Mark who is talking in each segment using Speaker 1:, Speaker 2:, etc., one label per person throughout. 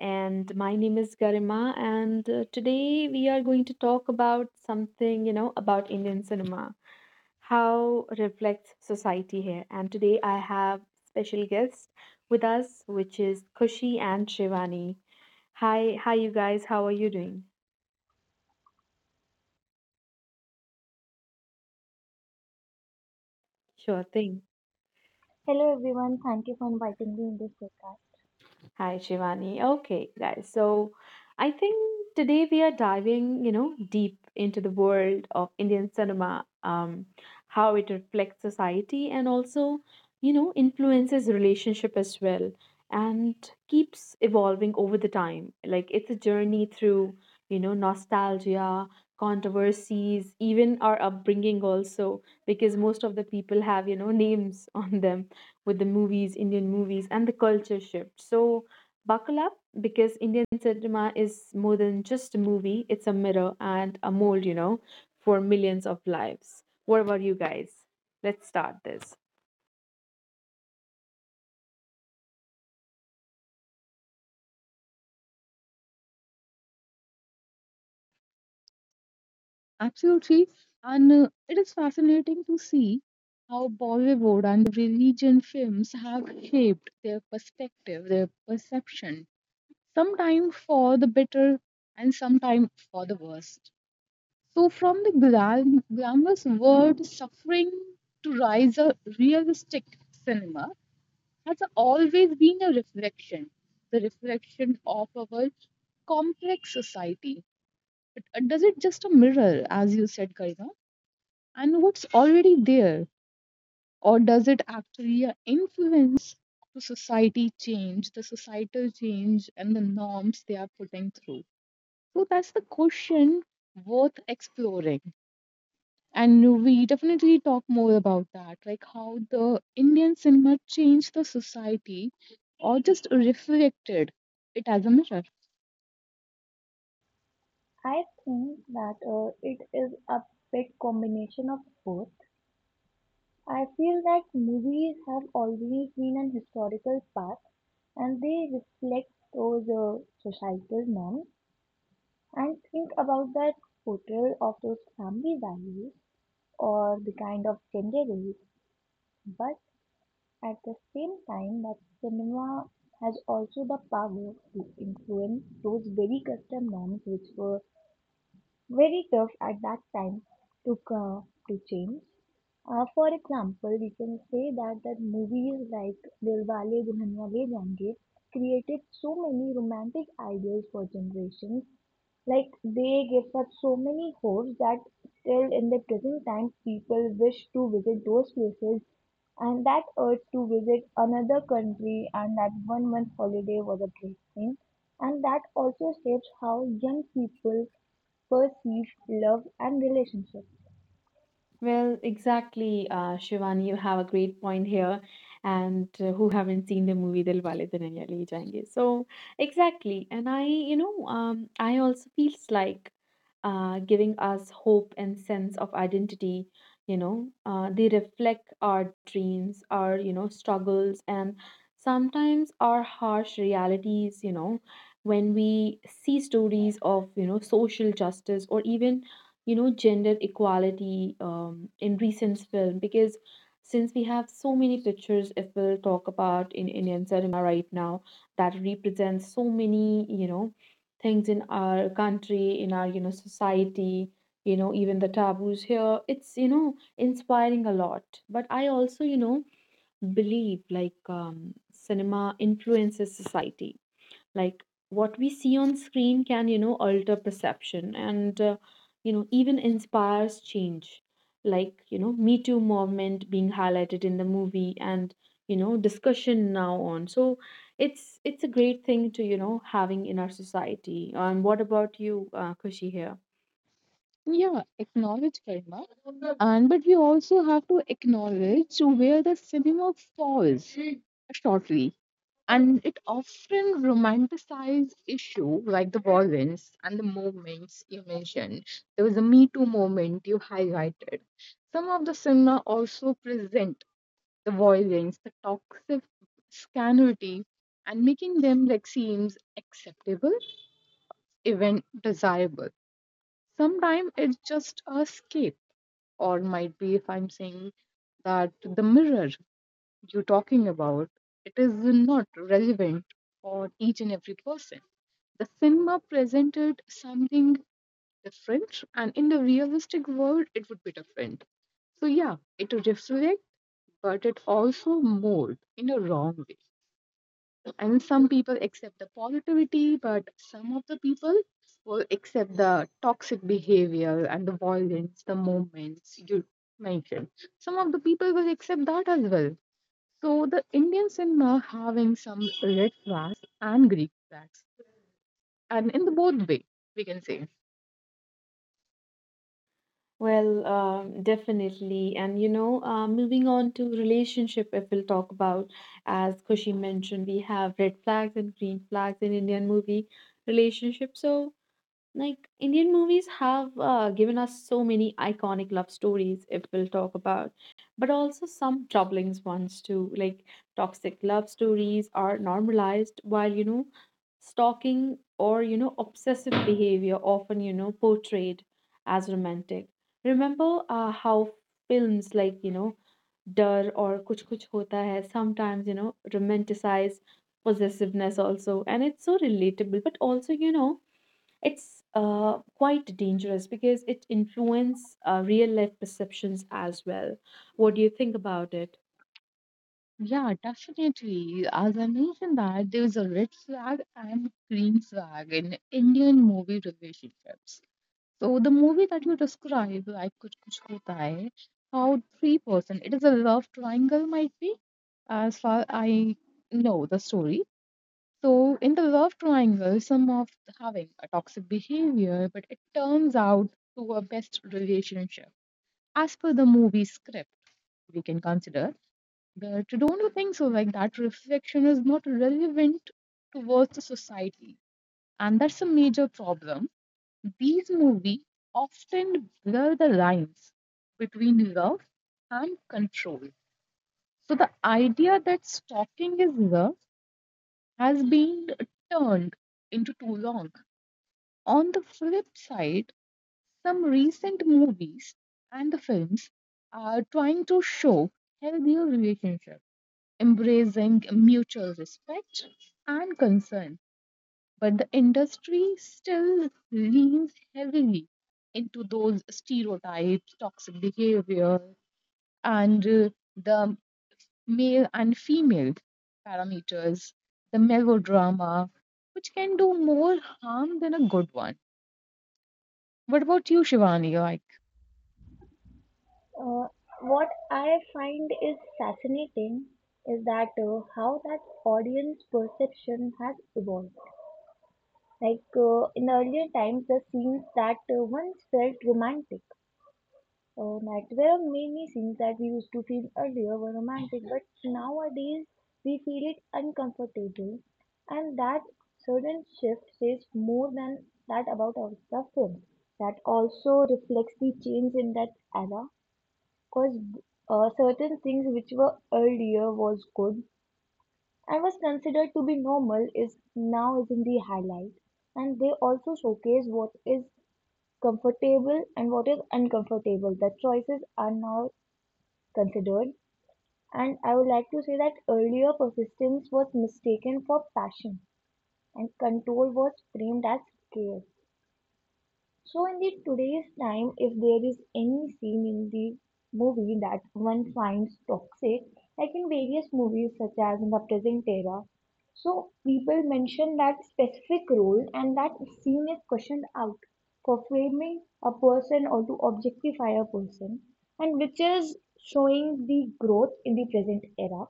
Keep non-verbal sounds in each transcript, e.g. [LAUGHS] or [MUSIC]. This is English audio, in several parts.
Speaker 1: And my name is Garima, and today we are going to talk about something about Indian cinema, how reflects society here. And today I have special guest with us, which is Kushi and Shivani. Hi, hi you guys. How are you doing? Sure thing.
Speaker 2: Hello everyone, thank you for inviting me in this podcast.
Speaker 1: Hi, Shivani. Okay, guys. So I think today we are diving, deep into the world of Indian cinema, how it reflects society and also, influences relationship as well and keeps evolving over the time. Like it's a journey through, nostalgia, controversies, even our upbringing also, because most of the people have, [LAUGHS] names on them with the movies, Indian movies, and the culture shift. So, buckle up because Indian cinema is more than just a movie, it's a mirror and a mold, for millions of lives. What about you guys? Let's start this.
Speaker 3: Absolutely. And it is fascinating to see how Bollywood and the religion films have shaped their perspective, their perception, sometimes for the better and sometimes for the worst. So, from the glamorous word suffering to rise a realistic cinema has always been a reflection, the reflection of our complex society. But does it just a mirror, as you said, Karina? And what's already there? Or does it actually influence the society change, the societal change, and the norms they are putting through? So that's the question worth exploring. And we definitely talk more about that, like how the Indian cinema changed the society or just reflected it as a mirror.
Speaker 2: I think that it is a bit combination of both. I feel that movies have always been an historical past and they reflect those societal norms and think about that portrayal of those family values or the kind of gender roles. But at the same time, that cinema has also the power to influence those very custom norms which were very tough at that time to change. For example, we can say that that movies like Dilwale Dulhaniya Le Jayenge created so many romantic ideas for generations. Like they gave us so many hopes that still in the present time people wish to visit those places and that urge to visit another country and that one month holiday was a great thing. And that also shapes how young people perceived love and relationships.
Speaker 1: Well, exactly, Shivani, you have a great point here. And who haven't seen the movie Dilwale Duniya Le Jayenge? So exactly, and I, I also feels like giving us hope and sense of identity. They reflect our dreams, our struggles, and sometimes our harsh realities. You know, when we see stories of social justice or even gender equality in recent film because since we have so many pictures if we'll talk about in Indian cinema right now that represents so many things in our country, in our society, you know even the taboos here, it's inspiring a lot. But I also believe like cinema influences society, like what we see on screen can alter perception and even inspires change, like you know Me Too movement being highlighted in the movie and you know discussion now on. So it's a great thing to having in our society. And what about you, Kushi here?
Speaker 3: Yeah, acknowledge karma. And but we also have to acknowledge where the cinema falls shortly and it often romanticizes issue like the violence and the movements you mentioned. There was a Me Too moment you highlighted. Some of the cinema also present the violence, the toxic scanality, and making them like seems acceptable, even desirable. Sometimes it's just a escape, or might be if I'm saying that the mirror you're talking about, it is not relevant for each and every person. The cinema presented something different, and in the realistic world, it would be different. So, yeah, it reflects, but it also molds in a wrong way. And some people accept the positivity, but some of the people will accept the toxic behavior and the violence, the moments you mentioned. Some of the people will accept that as well, so the Indian cinema having some red flags and Greek flags, and in the both way we can say.
Speaker 1: Well, definitely. And moving on to relationship, if we'll talk about, as Kushi mentioned, we have red flags and green flags in Indian movie relationship. So like Indian movies have given us so many iconic love stories, if we'll talk about, but also some troubling ones too. Like toxic love stories are normalized, while stalking or obsessive behavior often portrayed as romantic. Remember how films like Dar or Kuch Kuch Hota Hai sometimes romanticize possessiveness also, and it's so relatable, but also it's quite dangerous because it influences real life perceptions as well. What do you think about it?
Speaker 3: Yeah, definitely. As I mentioned that there is a red flag and green flag in Indian movie relationships. So the movie that you describe, like Kuch Kuch Hota Hai, how three person, it is a love triangle might be, as far I know the story. So, in the love triangle, some of having a toxic behavior, but it turns out to a best relationship. As per the movie script, we can consider that, don't you think so? Like that reflection is not relevant towards the society, and that's a major problem. These movies often blur the lines between love and control. So, the idea that stalking is love has been turned into too long. On the flip side, some recent movies and the films are trying to show healthier relationships, embracing mutual respect and concern, but the industry still leans heavily into those stereotypes, toxic behavior, and the male and female parameters, the melodrama, which can do more harm than a good one. What about you, Shivani?
Speaker 2: Uh, what I find is fascinating is that how that audience perception has evolved. Like in earlier times, the scenes that once felt romantic. Oh, night. There are many things that we used to feel earlier were romantic, but nowadays we feel it uncomfortable, and that sudden shift says more than that about our suffering. That also reflects the change in that era, because certain things which were earlier was good and was considered to be normal is now is in the highlight, and they also showcase what is comfortable and what is uncomfortable. The choices are now considered, and I would like to say that earlier persistence was mistaken for passion and control was framed as care. So in the today's time, if there is any scene in the movie that one finds toxic, like in various movies such as in the present era, so people mention that specific role and that scene is questioned out for framing a person or to objectify a person, and which is showing the growth in the present era.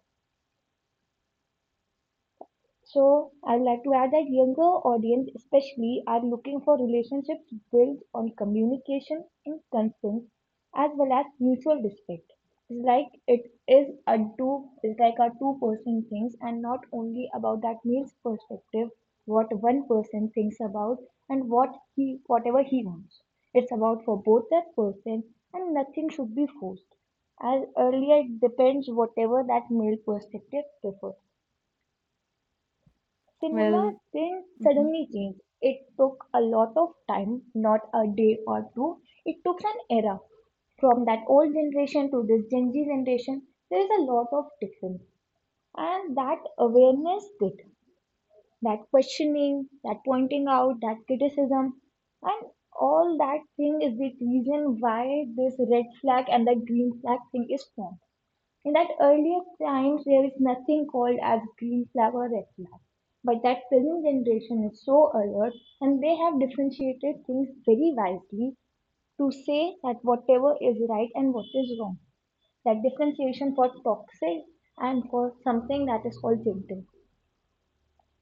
Speaker 2: So I'd like to add that younger audience especially are looking for relationships built on communication and consent as well as mutual respect. It's like it is a two it's like a two-person things and not only about that male's perspective, what one person thinks about and whatever he wants. It's about for both that person and nothing should be forced. As earlier it depends whatever that male perspective prefers. Cinema
Speaker 1: Well,
Speaker 2: didn't
Speaker 1: mhm.
Speaker 2: suddenly change. It took a lot of time, not a day or two. It took an era. From that old generation to this Gen Z generation, there is a lot of difference. And that awareness bit, that questioning, that pointing out, that criticism, and all that thing is the reason why this red flag and the green flag thing is formed in that earlier times, there is nothing called as green flag or red flag. But that present generation is so alert and they have differentiated things very wisely to say that whatever is right and what is wrong. That differentiation for toxic and for something that is called gentle.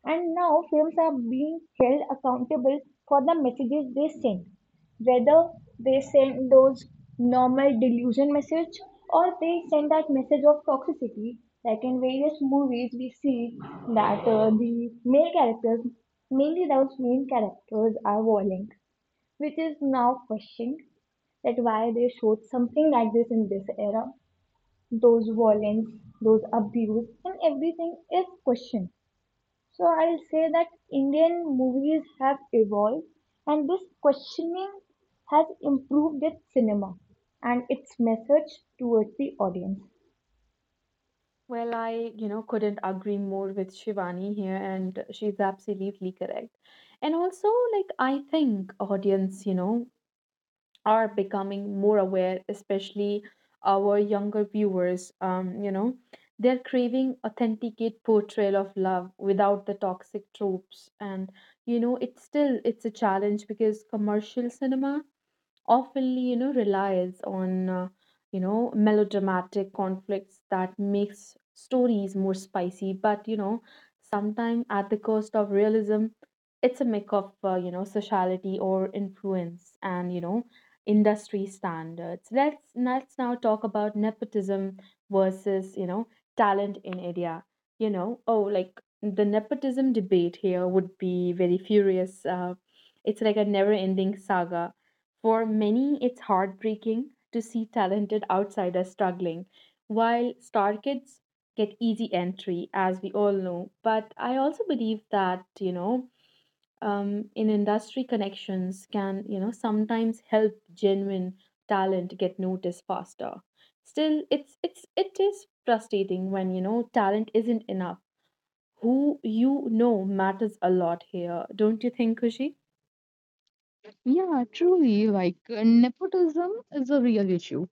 Speaker 2: And now films are being held accountable for the messages they send, whether they send those normal delusion message or they send that message of toxicity. Like in various movies, we see that the male characters, mainly those main characters, are violent, which is now questioned that why they showed something like this in this era. Those violence, those abuse, and everything is questioned. So I'll say that Indian movies have evolved and this questioning has improved its cinema and its message towards the audience.
Speaker 1: Well, I, couldn't agree more with Shivani here, and she's absolutely correct. And also, like, I think audience, are becoming more aware, especially our younger viewers. You know, they're craving authenticate portrayal of love without the toxic tropes, and you know, it's still it's a challenge because commercial cinema often relies on melodramatic conflicts that makes stories more spicy, but sometimes at the cost of realism. It's a mix of sociality or influence and industry standards. Let's now talk about nepotism versus talent in India. You know, oh, like the nepotism debate here would be very furious. It's like a never ending saga. For many, it's heartbreaking to see talented outsiders struggling, while star kids get easy entry, as we all know. But I also believe that, in industry connections can, sometimes help genuine talent get noticed faster. Still, it's it is frustrating when, talent isn't enough. Who matters a lot here, don't you think, Kushi?
Speaker 3: Yeah, truly, like nepotism is a real issue.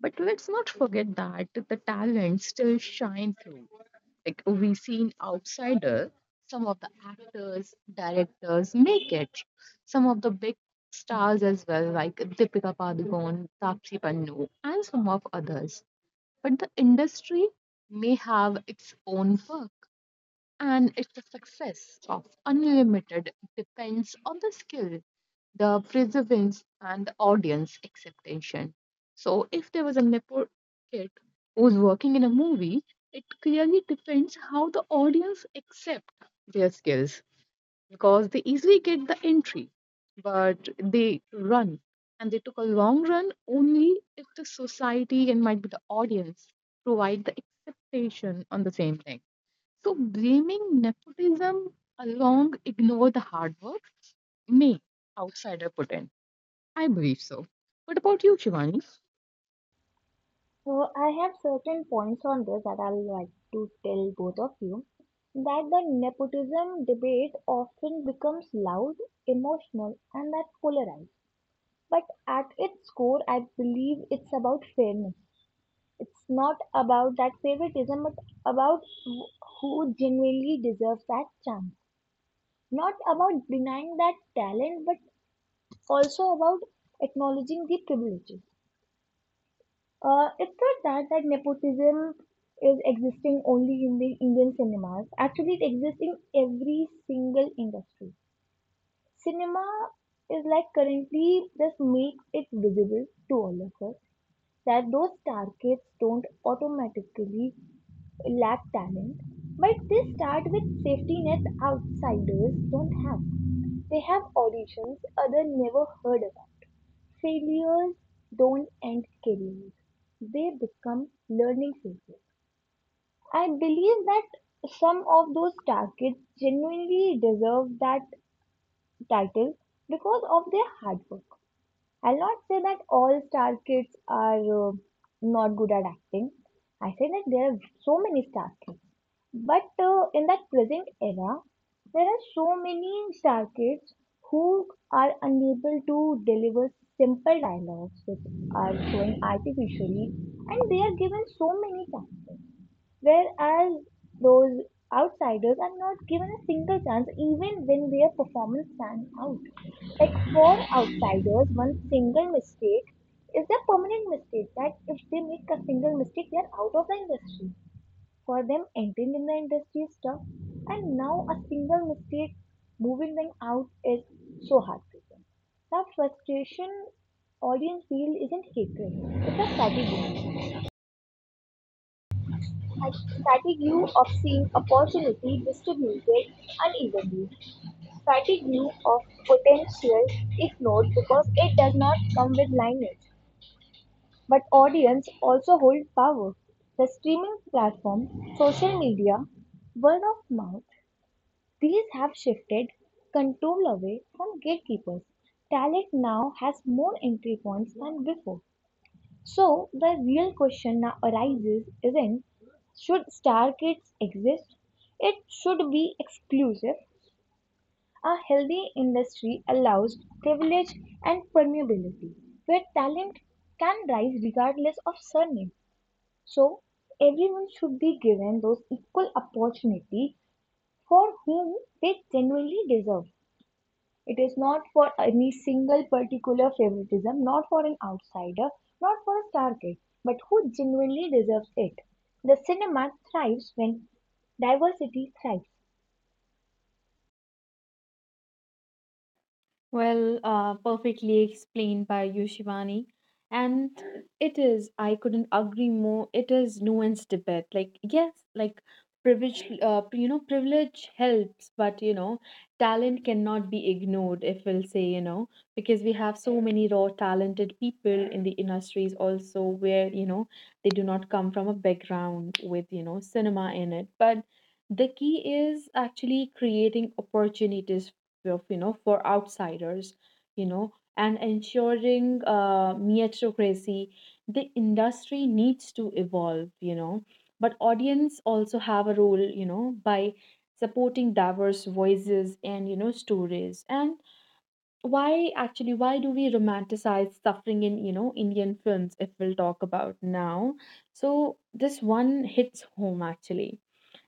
Speaker 3: But let's not forget that the talent still shine through. Like we see in outsider, some of the actors, directors make it. Some of the big stars as well, like Deepika Padukone, Taapsee Pannu, and some of others. But the industry may have its own work, and if the success of Unlimited depends on the skill, the perseverance, and the audience expectation. So, if there was a nepo kid who's working in a movie, it clearly depends how the audience accept their skills, because they easily get the entry, but they run and they took a long run only if the society and might be the audience provide the expectation on the same thing. So blaming nepotism along ignore the hard work may outsider put in. I believe so. What about you, Shivani?
Speaker 2: So I have certain points on this that I would like to tell both of you that the nepotism debate often becomes loud, emotional and that polarized. But at its core I believe it's about fairness, it's not about that favoritism, but about who genuinely deserves that chance. Not about denying that talent, but also about acknowledging the privileges. It's not that that nepotism is existing only in the Indian cinemas. Actually, it exists in every single industry. Cinema is like currently just makes it visible to all of us that those star kids don't automatically lack talent, but they start with safety nets outsiders don't have. They have auditions others never heard about. Failures don't end careers, they become learning phases. I believe that some of those targets genuinely deserve that title because of their hard work. I'll not say that all star kids are not good at acting. I say that there are so many star kids. But in that present era, there are so many star kids who are unable to deliver simple dialogues which are shown artificially and they are given so many chances whereas those outsiders are not given a single chance even when their performance stands out. Like for outsiders, one single mistake is a permanent mistake that if they make a single mistake, they are out of the industry. For them, entering in the industry is tough, and now a single mistake moving them out is so heartbreaking. The frustration audience feel isn't hatred, it's a strategy. Fatigue of seeing opportunity distributed unevenly. Fatigue of potential ignored because it does not come with lineage. But audience also hold power. The streaming platform, social media, word of mouth, these have shifted control away from gatekeepers. Talent now has more entry points than before. So, the real question now arises isn't should star kids exist? It should be exclusive. A healthy industry allows privilege and permeability, where talent can rise regardless of surname. So, everyone should be given those equal opportunity for whom they genuinely deserve. It is not for any single particular favoritism, not for an outsider, not for a target, but who genuinely deserves it. The cinema thrives when diversity thrives.
Speaker 1: Well, perfectly explained by you, Shivani. And it is, I couldn't agree more. It is nuanced debate. Like, yes, like privilege, privilege helps, but talent cannot be ignored, if we'll say, because we have so many raw, talented people in the industries also where, they do not come from a background with, cinema in it. But the key is actually creating opportunities of for outsiders, you know, and ensuring meritocracy. The industry needs to evolve, but audience also have a role, by supporting diverse voices and stories. And why actually, why do we romanticize suffering in Indian films, if we'll talk about now? So this one hits home actually.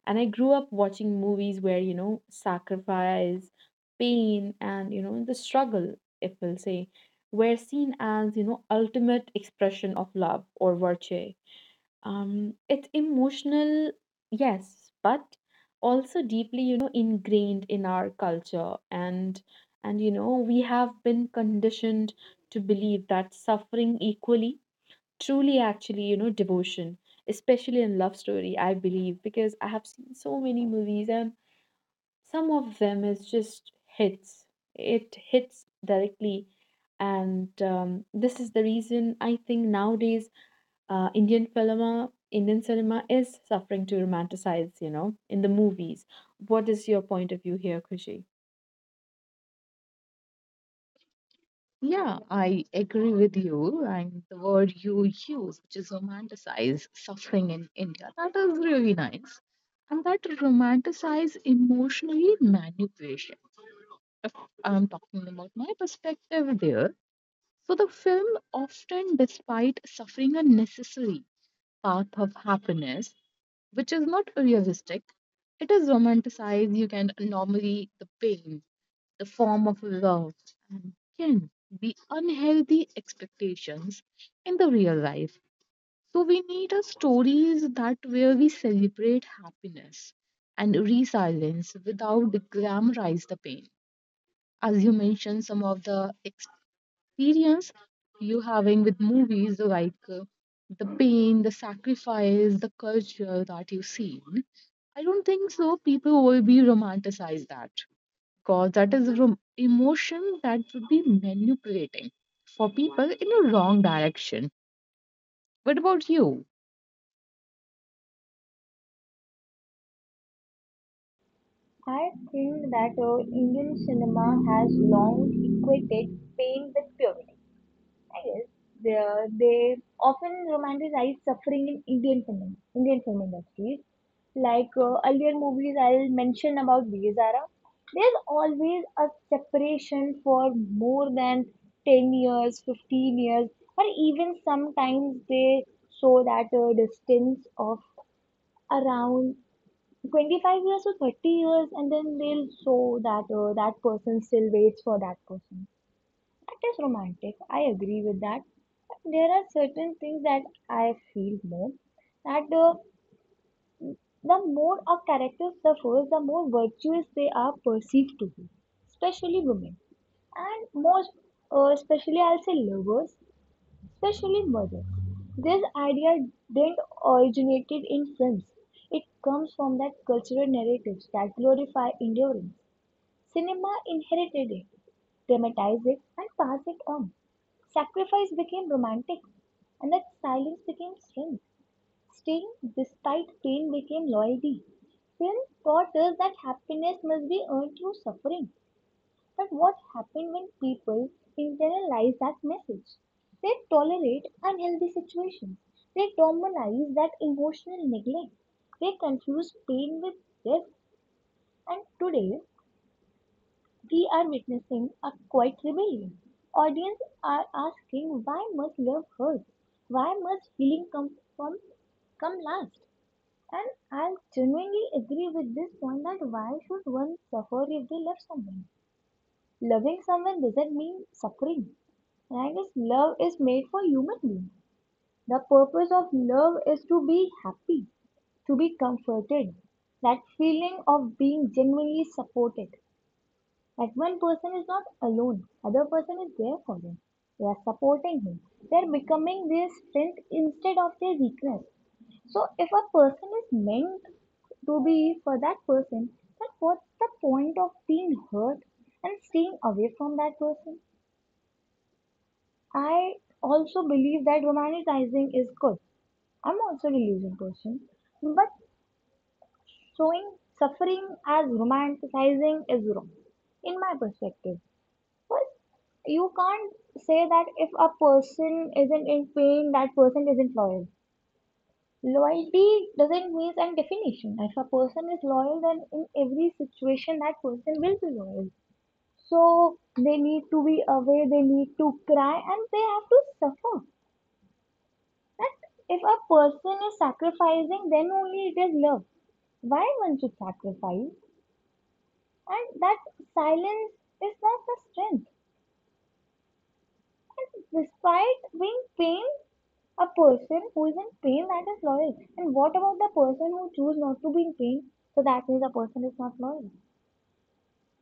Speaker 1: And I grew up watching movies where sacrifice, pain, and the struggle, if we'll say, were seen as ultimate expression of love or virtue. Um, it's emotional, yes, but also deeply ingrained in our culture. And you know, we have been conditioned to believe that suffering equally truly actually devotion, especially in love story. I believe, because I have seen so many movies and some of them is just hits, it hits directly. And this is the reason I think nowadays Indian cinema is suffering to romanticize in the movies. What is your point of view here, Kushi?
Speaker 3: Yeah, I agree with you. And the word you use, which is romanticize suffering in India, that is really nice. And that romanticize emotionally manipulation. If I'm talking about my perspective there, so the film often, despite suffering a necessary path of happiness, which is not realistic. It is romanticized. You can normally the pain, the form of love, and can be unhealthy expectations in the real life. So we need a stories that where we celebrate happiness and resilience without glamorize the pain. As you mentioned, some of the experience you having with movies like the pain, the sacrifice, the culture that you see, I don't think so. People will be romanticize that, because that is emotion that would be manipulating for people in a wrong direction. What about you?
Speaker 2: I think that Indian cinema has long equated pain with purity. Yes, they, they often romanticize suffering in Indian film industries. Like earlier movies I'll mention about Vizara, there's always a separation for more than 10 years, 15 years, or even sometimes they show that distance of around 25 years or 30 years, and then they'll show that that person still waits for that person. It is romantic. I agree with that. There are certain things that I feel more that the more a character suffers, the more virtuous they are perceived to be, especially women, and most, especially I'll say lovers, especially mothers. This idea didn't originated in films. It comes from that cultural narratives that glorify endurance. Cinema inherited it, dramatized it, and passed it on. Sacrifice became romantic, and that silence became strength. Staying despite pain became loyalty. Film taught us that happiness must be earned through suffering. But what happened when people internalize that message? They tolerate unhealthy situations. They normalize that emotional neglect. They confuse pain with death. And today, we are witnessing a quiet rebellion. Audience are asking why must love hurt? Why must healing from come last? And I genuinely agree with this point that why should one suffer if they love someone? Loving someone doesn't mean suffering. And I guess love is made for human beings. The purpose of love is to be happy, to be comforted, that feeling of being genuinely supported. Like one person is not alone, other person is there for him. They are supporting him. They are becoming their strength instead of their weakness. So if a person is meant to be for that person, then what's the point of being hurt and staying away from that person? I also believe that romanticizing is good. I'm also a religion person, but showing suffering as romanticizing is wrong, in my perspective. But you can't say that if a person isn't in pain, that person isn't loyal. Loyalty doesn't mean an definition. If a person is loyal, then in every situation, that person will be loyal. So they need to be away, they need to cry, and they have to suffer. That if a person is sacrificing, then only it is love. Why one should sacrifice? And that silence is not the strength. Despite being pain, a person who is in pain that is loyal. And what about the person who choose not to be in pain? So that means a person is not loyal.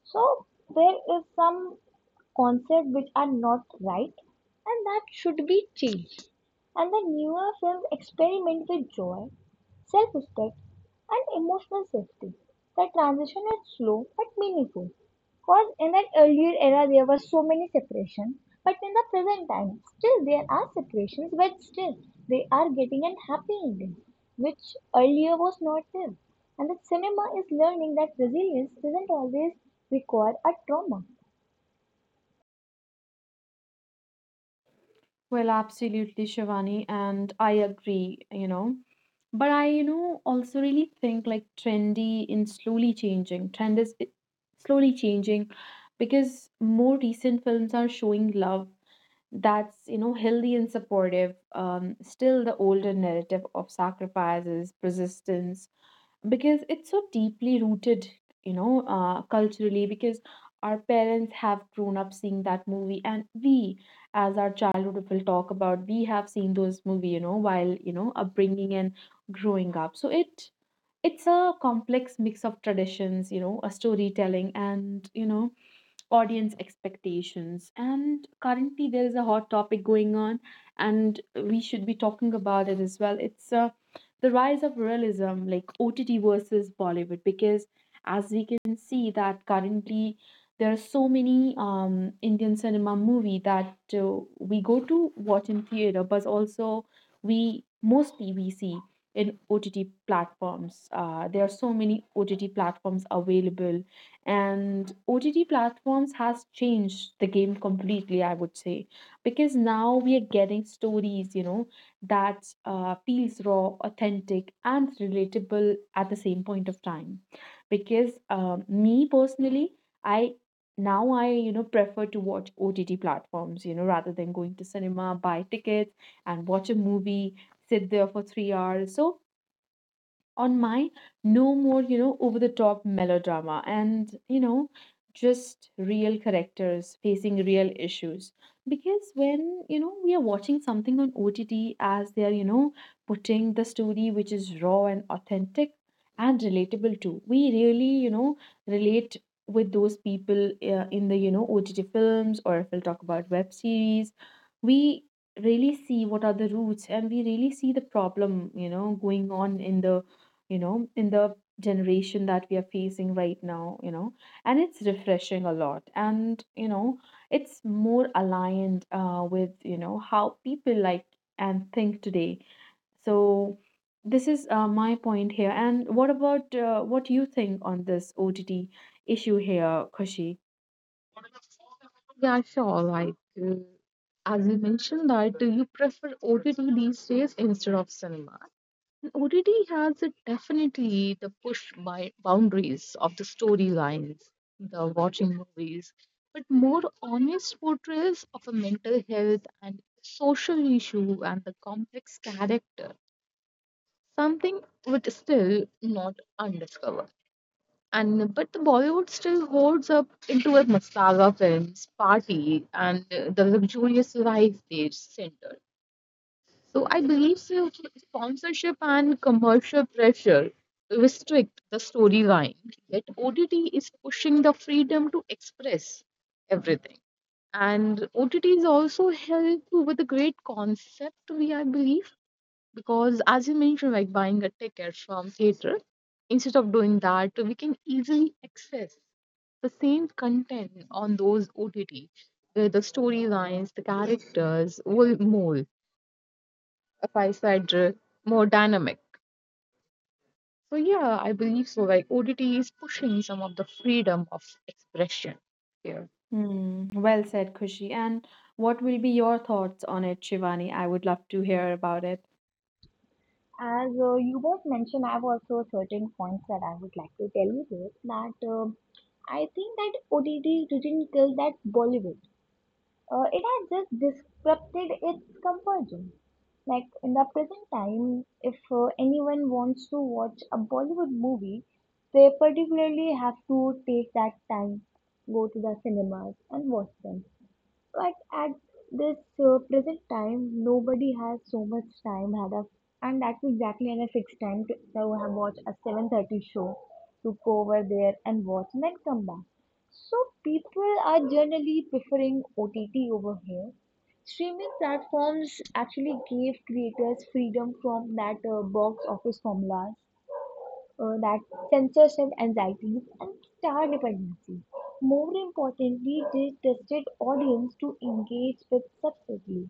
Speaker 2: So there is some concept which are not right and that should be changed. And the newer films experiment with joy, self-respect and emotional safety. The transition is slow but meaningful. Cause in that earlier era there were so many separations, but in the present time still there are separations, but still they are getting an happy ending, which earlier was not there. And the cinema is learning that resilience doesn't always require a trauma.
Speaker 1: Well, absolutely, Shivani, and I agree, you know. But I, also really think like trendy in slowly changing. Trend is slowly changing because more recent films are showing love that's, healthy and supportive. Still the older narrative of sacrifices, persistence, because it's so deeply rooted, culturally, because our parents have grown up seeing that movie, and we, as our childhood will talk about, we have seen those movie, while upbringing and growing up. So it's a complex mix of traditions, a storytelling, and audience expectations. And currently, there is a hot topic going on, and we should be talking about it as well. It's the rise of realism, like OTT versus Bollywood, because as we can see that currently there are so many Indian cinema movie that we go to watch in theater, but also we mostly we see in OTT platforms. There are so many OTT platforms available and OTT platforms has changed the game completely, I would say, because now we are getting stories, that feels raw, authentic, and relatable at the same point of time. Because me personally, I I you know prefer to watch OTT platforms, rather than going to cinema, buy tickets, and watch a movie, sit there for 3 hours. So on my, no more over the top melodrama and just real characters facing real issues. Because when we are watching something on OTT, as they are putting the story which is raw and authentic and relatable too, we really relate with those people in the, you know, OTT films, or if we'll talk about web series, we really see what are the roots and we really see the problem going on in the in the generation that we are facing right now, you know, and it's refreshing a lot. And, it's more aligned with, how people like and think today. So this is my point here. And what about what you think on this OTT issue here, Kushi?
Speaker 3: Yeah, sure. Like, uh, as you mentioned, that you prefer OTT these days instead of cinema. ODD has it definitely the push by boundaries of the storylines, the watching movies, but more honest portrayals of a mental health and social issue and the complex character. Something which is still not undiscovered. And but the Bollywood still holds up into a masala films, party, and the luxurious life they center. So I believe so, sponsorship and commercial pressure restrict the storyline. Yet OTT is pushing the freedom to express everything. And OTT is also helped with a great concept, we I believe, because as you mentioned, like buying a ticket from theater, instead of doing that, we can easily access the same content on those OTT, where the storylines, the characters will mold a five-side drill, more dynamic. So yeah, I believe so. Like ODT is pushing some of the freedom of expression here.
Speaker 1: Hmm, well said, Kushi. And what will be your thoughts on it, Shivani? I would love to hear about it.
Speaker 2: As you both mentioned, I have also certain points that I would like to tell you both that I think that ODD didn't kill that Bollywood. It has just disrupted its comfort zone. Like in the present time, if anyone wants to watch a Bollywood movie, they particularly have to take that time, go to the cinemas and watch them. But at this present time nobody has so much time had a and that's exactly at a fixed time to have watch a 7:30 show to go over there and watch and then come back, so people are generally preferring OTT over here. Streaming platforms actually gave creators freedom from that box office formulas, that censorship anxieties and star dependency. More importantly, they tested audience to engage with subtly.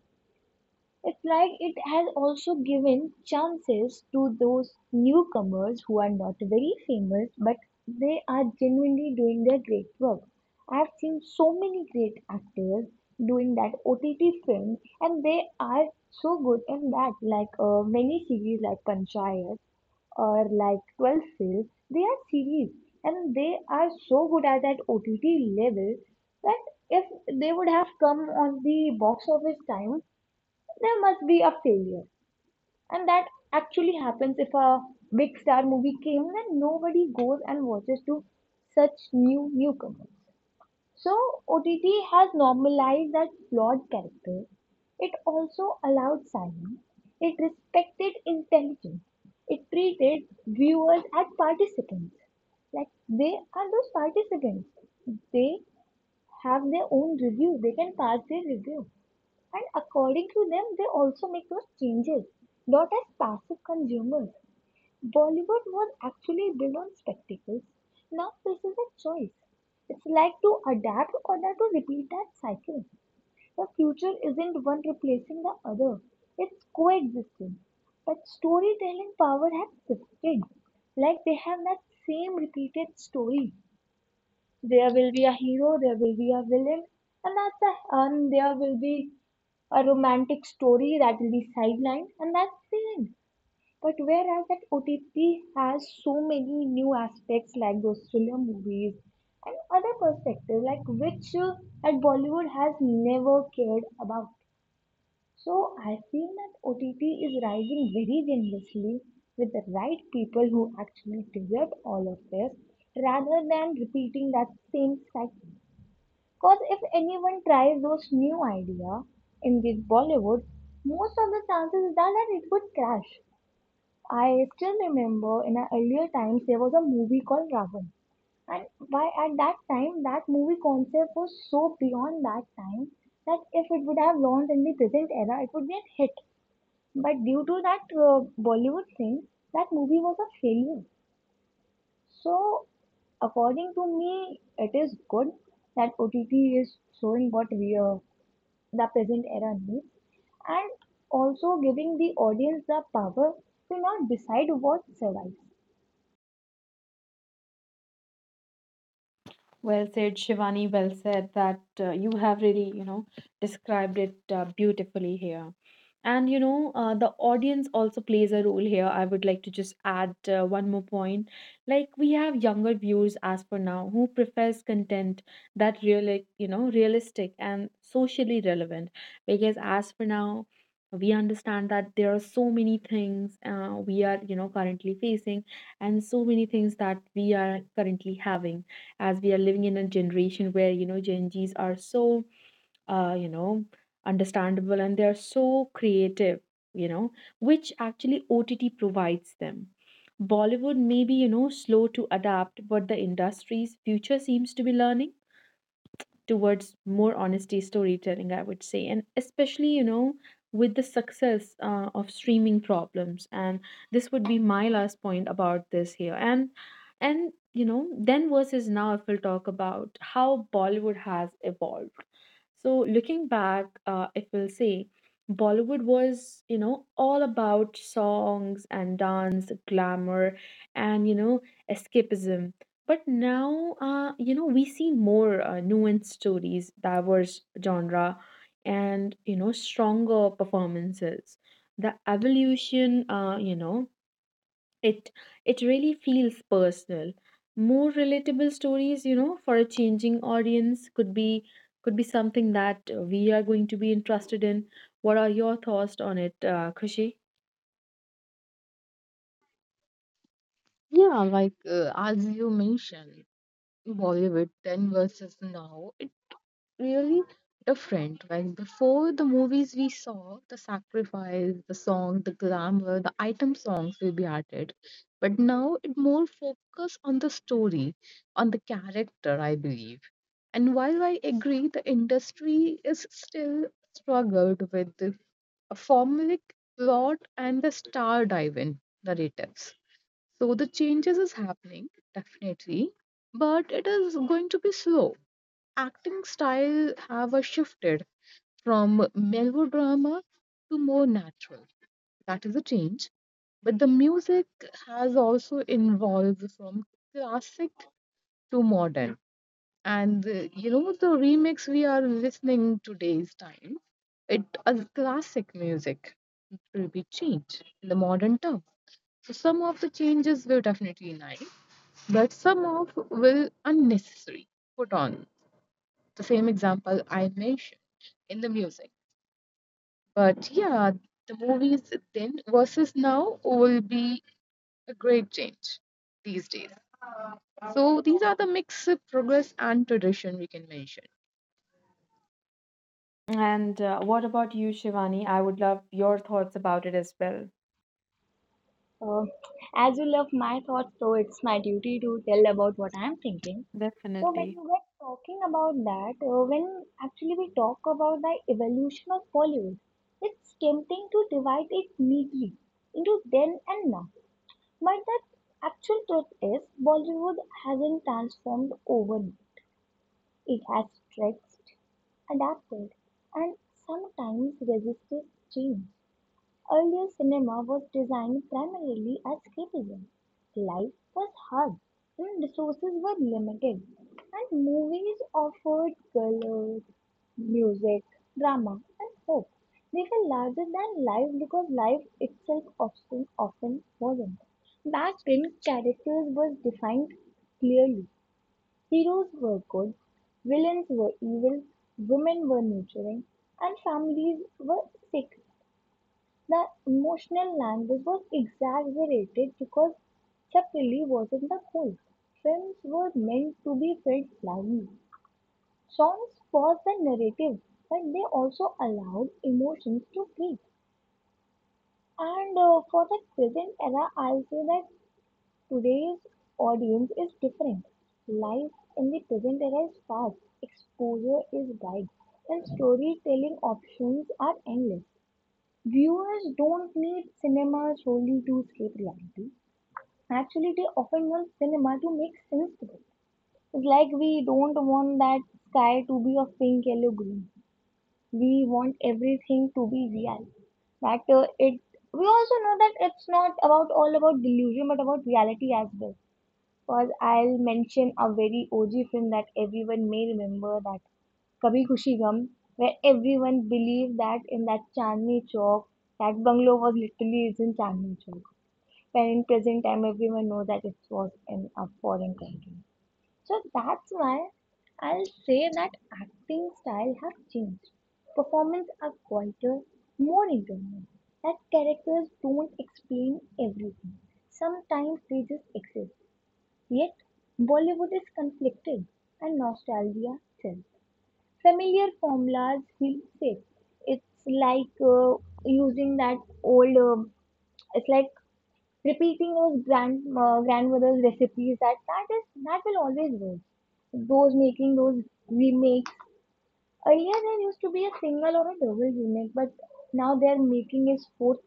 Speaker 2: It's like it has also given chances to those newcomers who are not very famous, but they are genuinely doing their great work. I've seen so many great actors doing that OTT film, and they are so good in that. Like many series, like Panchayat, or like 12 films, they are series and they are so good at that OTT level that if they would have come on the box office time, there must be a failure. And that actually happens if a big star movie came then nobody goes and watches to such new newcomers. So OTT has normalized that flawed character. It also allowed silence. It respected intelligence. It treated viewers as participants. Like they are those participants. They have their own reviews. They can pass their review. And according to them, they also make those changes, not as passive consumers. Bollywood was actually built on spectacles. Now this is a choice. It's like to adapt or not to repeat that cycle. The future isn't one replacing the other. It's coexistence. But storytelling power has shifted. Like they have that same repeated story, there will be a hero, there will be a villain, and that's a, and there will be a romantic story that will be sidelined, and that's the end. But whereas that OTT has so many new aspects like those thriller movies and other perspective like which at Bollywood has never cared about. So I feel that OTT is rising very generously with the right people who actually deserve all of this rather than repeating that same cycle. Because if anyone tries those new idea in this Bollywood, most of the chances are that it would crash. I still remember in our earlier times there was a movie called Ravan. And why at that time that movie concept was so beyond that time that if it would have launched in the present era, it would be a hit. But due to that Bollywood thing, that movie was a failure. So, according to me, it is good that OTT is showing what we are, the present era needs, and also giving the audience the power to now decide what survives.
Speaker 1: Well said, Shivani. Well said that you have really, described it beautifully here. And, the audience also plays a role here. I would like to just add one more point. Like, we have younger viewers as for now who prefers content that really, realistic and socially relevant. Because as for now, we understand that there are so many things we are, currently facing and so many things that we are currently having as we are living in a generation where you know Gen Zs are so uh, you know understandable and they are so creative, you know, which actually OTT provides them. Bollywood may be slow to adapt, but the industry's future seems to be learning towards more honesty storytelling, I would say, and especially, with the success of streaming problems. And this would be my last point about this here. And you know, then versus now, if we'll talk about how Bollywood has evolved. So looking back, if we'll say, Bollywood was, you know, all about songs and dance, glamour, and you know, escapism, but now, you know, we see more nuanced stories, diverse genre, and, you know, stronger performances. The evolution, you know, it it really feels personal. More relatable stories, you know, for a changing audience could be something that we are going to be interested in. What are your thoughts on it, Khushi?
Speaker 3: Yeah, like as you mentioned, Bollywood then versus now, it really different. Like before the movies we saw, the sacrifice, the song, the glamour, the item songs will be added. But now it more focus on the story, on the character, I believe. And while I agree the industry is still struggled with a formulaic plot and the star diving narratives. So the changes is happening, definitely, but it is going to be slow. Acting style have a shifted from melodrama to more natural. That is a change. But the music has also evolved from classic to modern, and the remix we are listening today's time, it a classic music will be changed in the modern term. So some of the changes were definitely nice, but some of will unnecessary. Put on the same example I mentioned in the music. But yeah, the movies then versus now will be a great change these days. So these are the mix of progress and tradition we can mention.
Speaker 1: And what about you, Shivani? I would love your thoughts about it as well.
Speaker 2: Uh, as you love my thoughts, so it's my duty to tell about what I'm thinking. So when
Speaker 1: Definitely.
Speaker 2: you were talking about that, when actually we talk about the evolution of Bollywood, it's tempting to divide it neatly into then and now. But the actual truth is, Bollywood hasn't transformed overnight. It has stretched, adapted, and sometimes resisted change. Earlier cinema was designed primarily as escapism. Life was hard and resources were limited, and movies offered colors, music, drama, and hope. They were larger than life because life itself often, often wasn't. Back then, characters were defined clearly. Heroes were good, villains were evil, women were nurturing, and families were sacred. The emotional language was exaggerated because Chappelli wasn't the cult. Films were meant to be felt lively. Songs was the narrative, but they also allowed emotions to breathe. And for the present era, I'll say that today's audience is different. Life in the present era is fast, exposure is wide, and storytelling options are endless. Viewers don't need cinema solely to escape reality. Actually, they often want cinema to make sense to them. It's like we don't want that sky to be of pink, yellow, green. We want everything to be real. That it. We also know that it's not about all about delusion, but about reality as well. First, I'll mention a very OG film that everyone may remember, that Kabhi Khushi Gum, where everyone believed that in that Chandni Chowk, that bungalow was literally is in Chandni Chowk. When in present time, everyone knows that it was in a foreign country. So that's why I'll say that acting style have changed. Performance are quieter, more internal. That characters don't explain everything. Sometimes they just exist. Yet, Bollywood is conflicted and nostalgia sells. Familiar formulas feel safe. It's like using that old, it's like repeating those grand grandmother's recipes that that is that will always work. Those making those remakes. Earlier there used to be a single or a double remake, but now they are making a fourth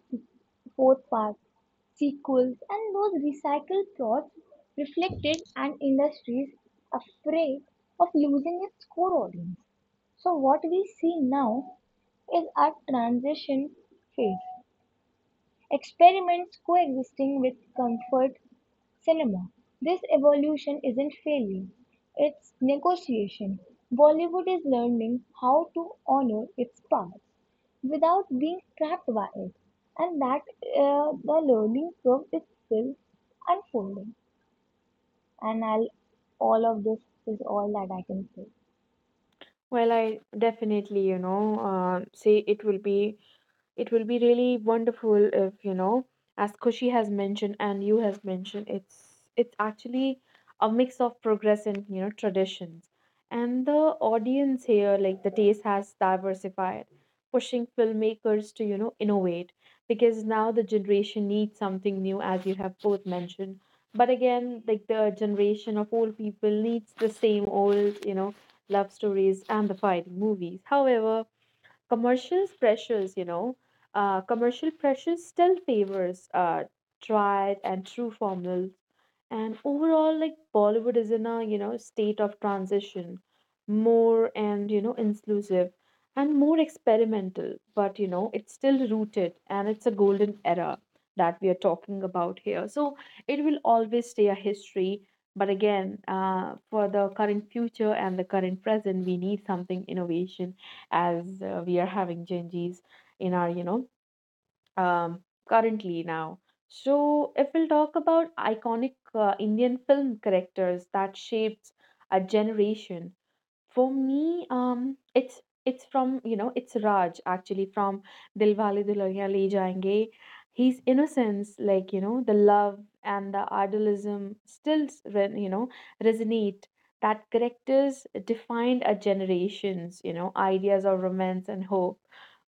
Speaker 2: fourth part, sequels, and those recycled plots reflected an industry's afraid of losing its core audience. So what we see now is a transition phase experiments coexisting with comfort cinema. This evolution isn't failure, it's negotiation. Bollywood is learning how to honor its past without being trapped by it, and that the learning curve is still unfolding. And I'll, all of this is all that I can say.
Speaker 1: Well, I definitely, say it will be. It will be really wonderful if, you know, as Kushi has mentioned and you has mentioned, it's actually a mix of progress and, you know, traditions. And the audience here, like the taste has diversified, pushing filmmakers to, you know, innovate because now the generation needs something new as you have both mentioned. But again, like the generation of old people needs the same old, you know, love stories and the fighting movies. However, commercial pressures, commercial pressures still favors tried and true formulas. And overall, like Bollywood is in a you know state of transition, more and you know inclusive and more experimental, but you know it's still rooted and it's a golden era that we are talking about here. So it will always stay a history. But again, for the current future and the current present, we need something innovation as we are having Gen Zs in our, um, currently now. So, if we'll talk about iconic Indian film characters that shaped a generation, for me, it's from you know it's Raj actually from Dilwale Dulhania Le Jayenge. His innocence, like you know, the love and the idealism still you know resonate. That characters defined a generation's you know ideas of romance and hope.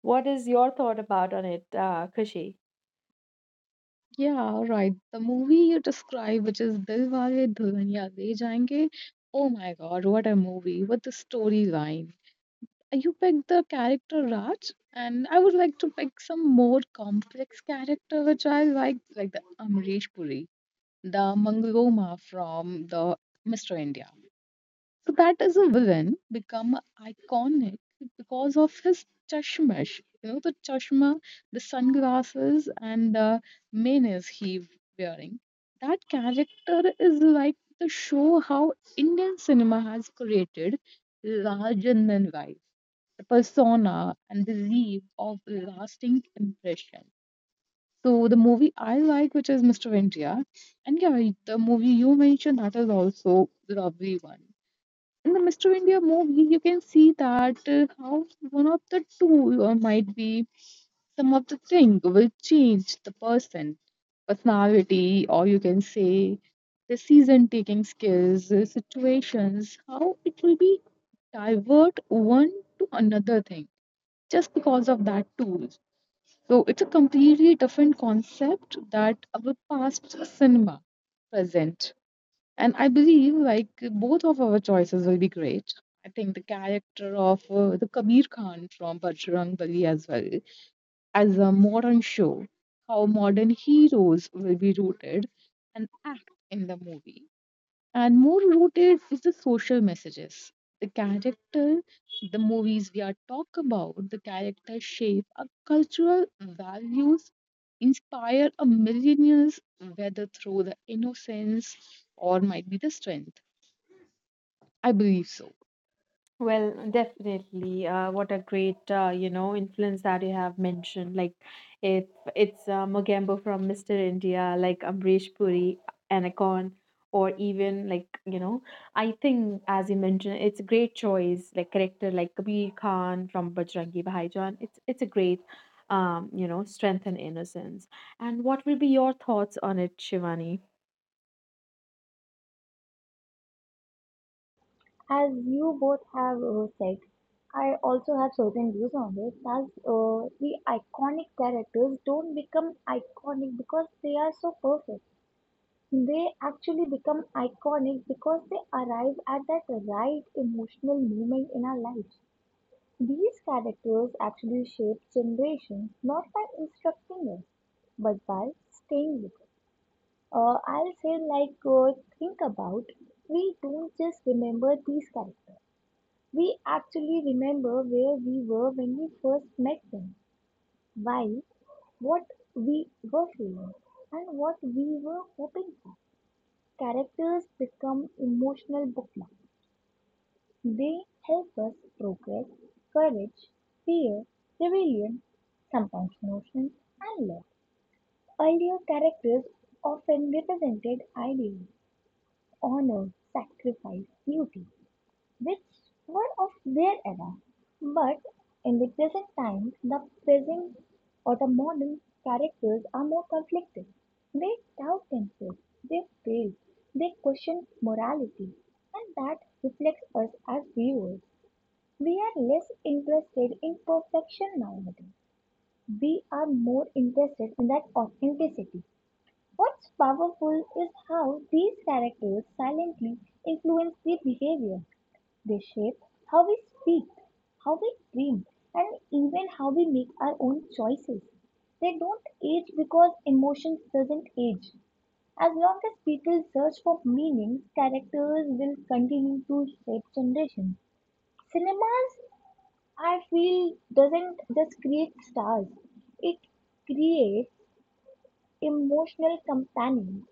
Speaker 1: What is your thought about on it, Kushi?
Speaker 3: Yeah, right. The movie you described, which is Dilwale Dulhania Le Jayenge, oh my God, what a movie! What the storyline! You picked the character Raj, and I would like to pick some more complex character which I like the Amrish Puri, the Mangaloma from the Mr. India. So that is a villain become iconic because of his chashmash. You know, the chashma, the sunglasses, and the menace he wearing. That character is like to show how Indian cinema has created larger than life, the persona and the leave of lasting impression. So the movie I like, which is Mr. India, and yeah, the movie you mentioned, that is also lovely one. In the Mr. India movie, you can see that how one of the two might be some of the thing will change the personality, or you can say the season taking skills, situations, how it will be divert one to another thing just because of that tool. So it's a completely different concept that our past cinema present. And I believe like both of our choices will be great. I think the character of the Kabir Khan from Bajrang Bali as well as a modern show, how modern heroes will be rooted and act in the movie, and more rooted is the social messages. The character, the movies we are talk about, the character shape our cultural values, inspire a millennials whether through the innocence or might be the strength. I believe so.
Speaker 1: Well, definitely. What a great, you know, influence that you have mentioned. Like, if it's Mogambo from Mr. India, like Amrish Puri, Anacon, or even like, you know, I think as you mentioned, it's a great choice. Like character like Kabir Khan from Bajrangi Bhaijaan. It's a great, you know, strength and innocence. And what will be your thoughts on it, Shivani?
Speaker 2: As you both have said, I also have certain views on this. As the iconic characters don't become iconic because they are so perfect. They actually become iconic because they arrive at that right emotional moment in our lives. These characters actually shape generations not by instructing us, but by staying with us. I'll say, like, think about we don't just remember these characters, we actually remember where we were when we first met them, why, what we were feeling, and what we were hoping for. Characters become emotional bookmarks. They help us progress, courage, fear, rebellion, sometimes notions, and love. Earlier characters often represented ideals, honor, sacrifice, duty, which were of their era. But in the present times, the present or the modern characters are more conflicted. They doubt themselves, they fail, they question morality, and that reflects us as viewers. We are less interested in perfection nowadays. We are more interested in that authenticity. What's powerful is how these characters silently influence the behavior. They shape how we speak, how we dream, and even how we make our own choices. They don't age because emotions doesn't age. As long as people search for meanings, characters will continue to shape generations. Cinemas, I feel, doesn't just create stars. It creates emotional companions.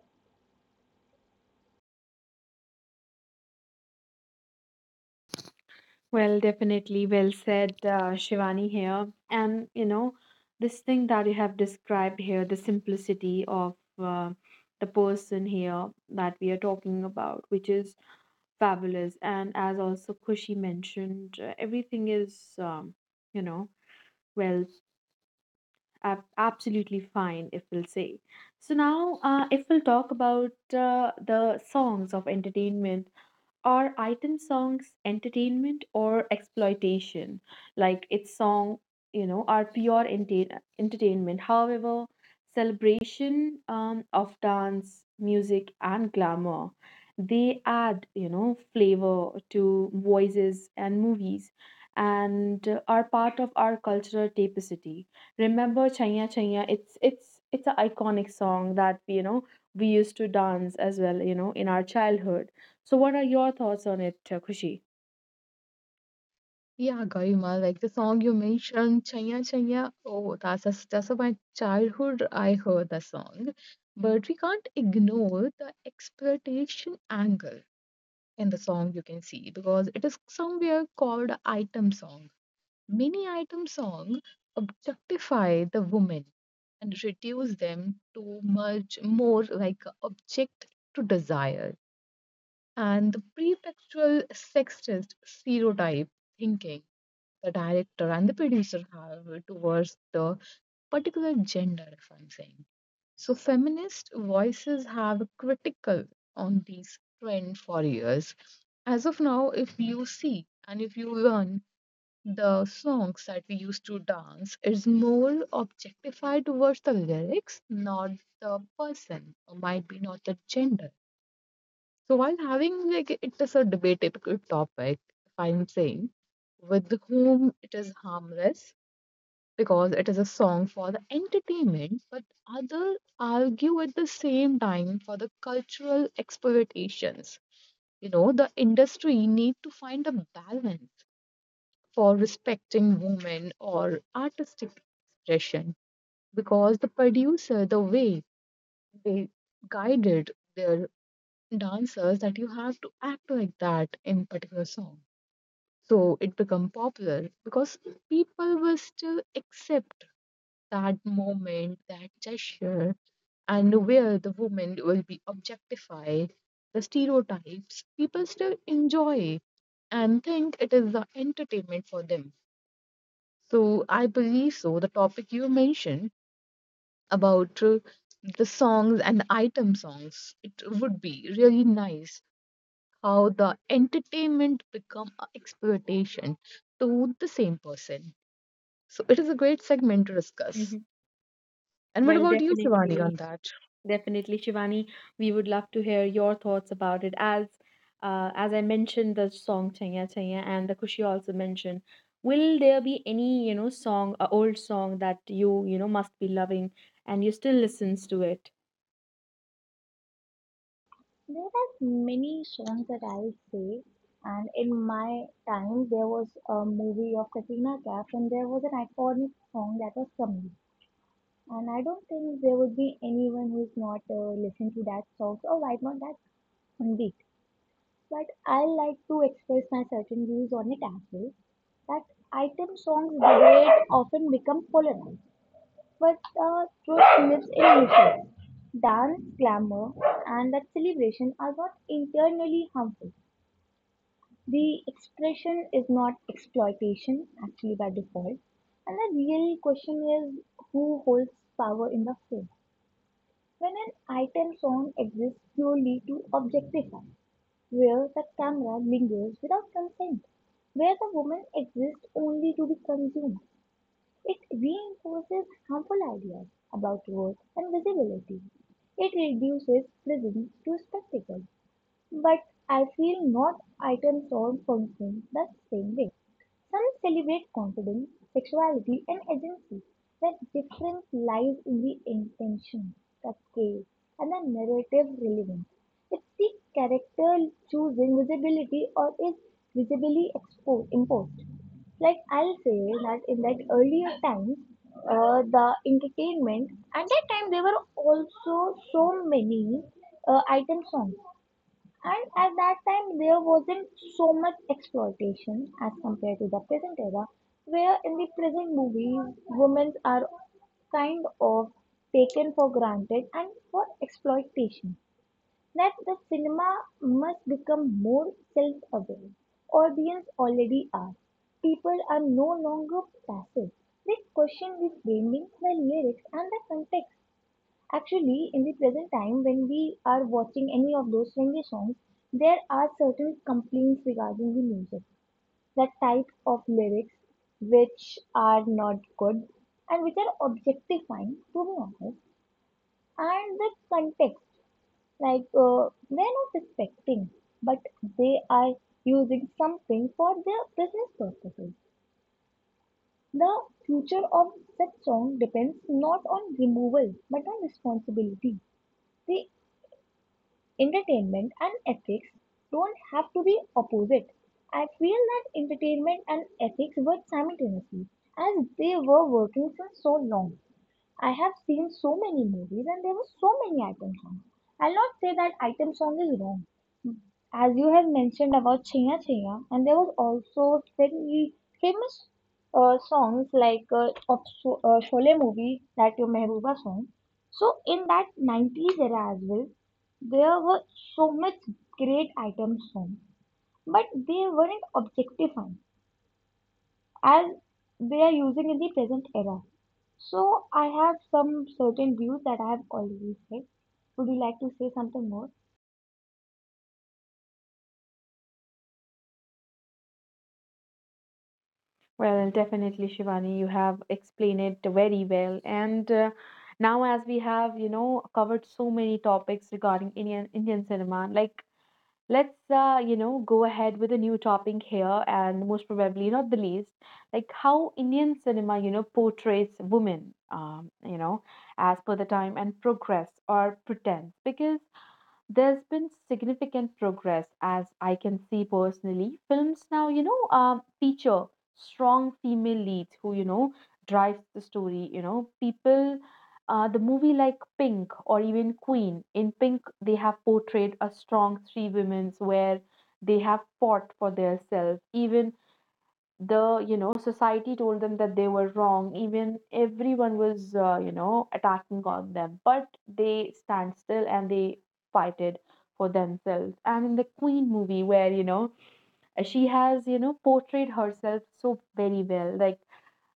Speaker 1: Well, definitely. Well said, Shivani here. And, you know, this thing that you have described here, the simplicity of uh, the person here that we are talking about, which is fabulous. And as also Kushi mentioned, everything is, you know, well, absolutely fine, if we'll say. So now, if we'll talk about the songs of entertainment are item songs entertainment or exploitation? Like its song, you know, are pure entertainment. However, celebration of dance, music, and glamour, they add, you know, flavor to voices and movies and are part of our cultural tapestry. Remember Chaya Chaya, it's an iconic song that you know we used to dance as well, you know, in our childhood. So, what are your thoughts on it, Khushi?
Speaker 3: Yeah, Garima, like the song you mentioned, Chaya Chaya. Oh, my childhood. I heard the song, but we can't ignore the exploitation angle in the song, you can see, because it is somewhere called item song. Many item song objectify the women and reduce them to much more like a object to desire, and the pretextual sexist stereotype thinking the director and the producer have towards the particular gender, if I'm saying so. Feminist voices have critical on these trend for years. As of now, if you see and if you learn the songs that we used to dance, it's more objectified towards the lyrics, not the person, or might be not the gender. So while having like it is a debatable topic, if I'm saying with whom it is harmless because it is a song for the entertainment, but others argue at the same time for the cultural exploitations. You know, the industry need to find a balance for respecting women or artistic expression, because the producer, the way they guided their dancers that you have to act like that in particular song. So it become popular because people will still accept that moment, that gesture, and where the woman will be objectified, the stereotypes, people still enjoy and think it is the entertainment for them. So I believe so. The topic you mentioned about the songs and item songs, it would be really nice how the entertainment become a exploitation to the same person. So it is a great segment to discuss.
Speaker 1: Hmm.
Speaker 3: And what
Speaker 1: Well,
Speaker 3: about you, Shivani, on that?
Speaker 1: definitely, Shivani. We would love to hear your thoughts about it. As I mentioned, the song Chanya Chanya, and the Kushi also mentioned. Will there be any you know song, old song that you know must be loving and you still listens to it?
Speaker 2: There are many songs that I would say, and in my time there was a movie of Katrina Kaif, and there was an iconic song that was Kami. And I don't think there would be anyone who's not listened to that song, or why not that Indeed. But I like to express my certain views on it as well. That item songs debate often become polarized. But the truth lives in rituals. Dance, glamour, and that celebration are not internally harmful. The expression is not exploitation, actually, by default. And the real question is who holds power in the film? When an item song exists purely to objectify, where the camera lingers without consent, where the woman exists only to be consumed, it reinforces harmful ideas about worth and visibility. It reduces prisons to spectacles, but I feel not items all function the same way. Some celebrate confidence, sexuality, and agency. The difference lies in the intention, the scale, and the narrative relevance. If the character choosing visibility or is visibly imposed. Like I'll say that in that earlier times, the entertainment at that time there were also so many item songs and at that time, there wasn't so much exploitation as compared to the present era, where in the present movies, women are kind of taken for granted and for exploitation. That the cinema must become more self aware. Audience already are. People are no longer passive. They question the framing, the lyrics, and the context. Actually, in the present time, when we are watching any of those trendy songs, there are certain complaints regarding the music, the type of lyrics which are not good and which are objectifying, to be honest, and the context, like they're not respecting, but they are using something for their business purposes. The future of such song depends not on removal but on responsibility. The entertainment and ethics don't have to be opposite. I feel that entertainment and ethics work simultaneously as they were working since so long. I have seen so many movies and there were so many item songs. I'll not say that item song is wrong. As you have mentioned about Chhaya Chhaya, and there was also very famous songs like of Sholay movie, that your Mehbooba song. So in that 90s era as well, there were so much great item songs, but they weren't objectifying as they are using in the present era. So I have some certain views that I have already said. Would you like to say something more?
Speaker 1: Well, definitely, Shivani. You have explained it very well. And now, as we have you know covered so many topics regarding Indian cinema, like let's you know go ahead with a new topic here and most probably not the least like how Indian cinema you know portrays women you know as per the time and progress or pretense because there's been significant progress, as I can see personally. Films now, feature strong female leads who, you know, drives the story. You know, people, the movie like Pink or even Queen. In Pink, they have portrayed a strong three women where they have fought for their self. Even the you know society told them that they were wrong, even everyone was you know attacking on them, but they stand still and they fight it for themselves. And in the Queen movie where you know she has you know portrayed herself so very well, like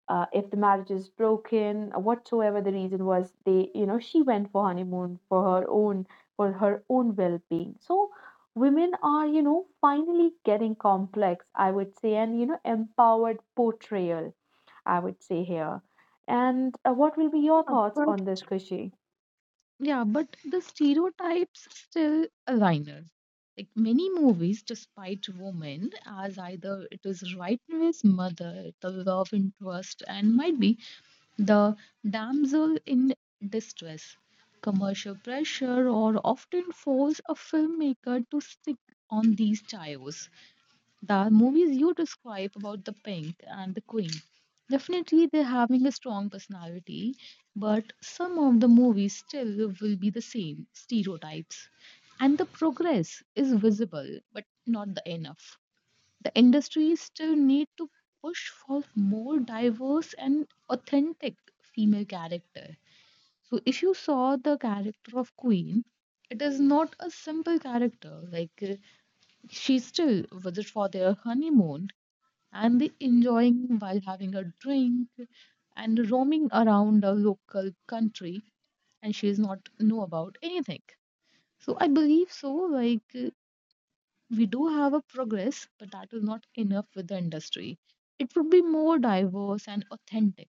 Speaker 1: if the marriage is broken whatsoever the reason was, they you know she went for honeymoon for her own well-being. So women are you know finally getting complex, I would say, and you know empowered portrayal I would say here. And what will be your
Speaker 3: Yeah,
Speaker 1: thoughts
Speaker 3: but
Speaker 1: on this, Kushi?
Speaker 3: yeah, but the stereotypes still liner. Like many movies, despite women as either it is rightness mother, the love interest, and might be the damsel in distress. Commercial pressure or often force a filmmaker to stick on these tires. The movies you describe about the Pink and the Queen, definitely they're having a strong personality, but some of the movies still will be the same stereotypes, and the progress is visible but not the enough. The industry still need to push for more diverse and authentic female character. So if you saw the character of Queen, it is not a simple character, like she still was it for their honeymoon and the enjoying while having a drink and roaming around a local country, and she is not know about anything. So I believe so, like we do have a progress, but that is not enough. With the industry, it would be more diverse and authentic,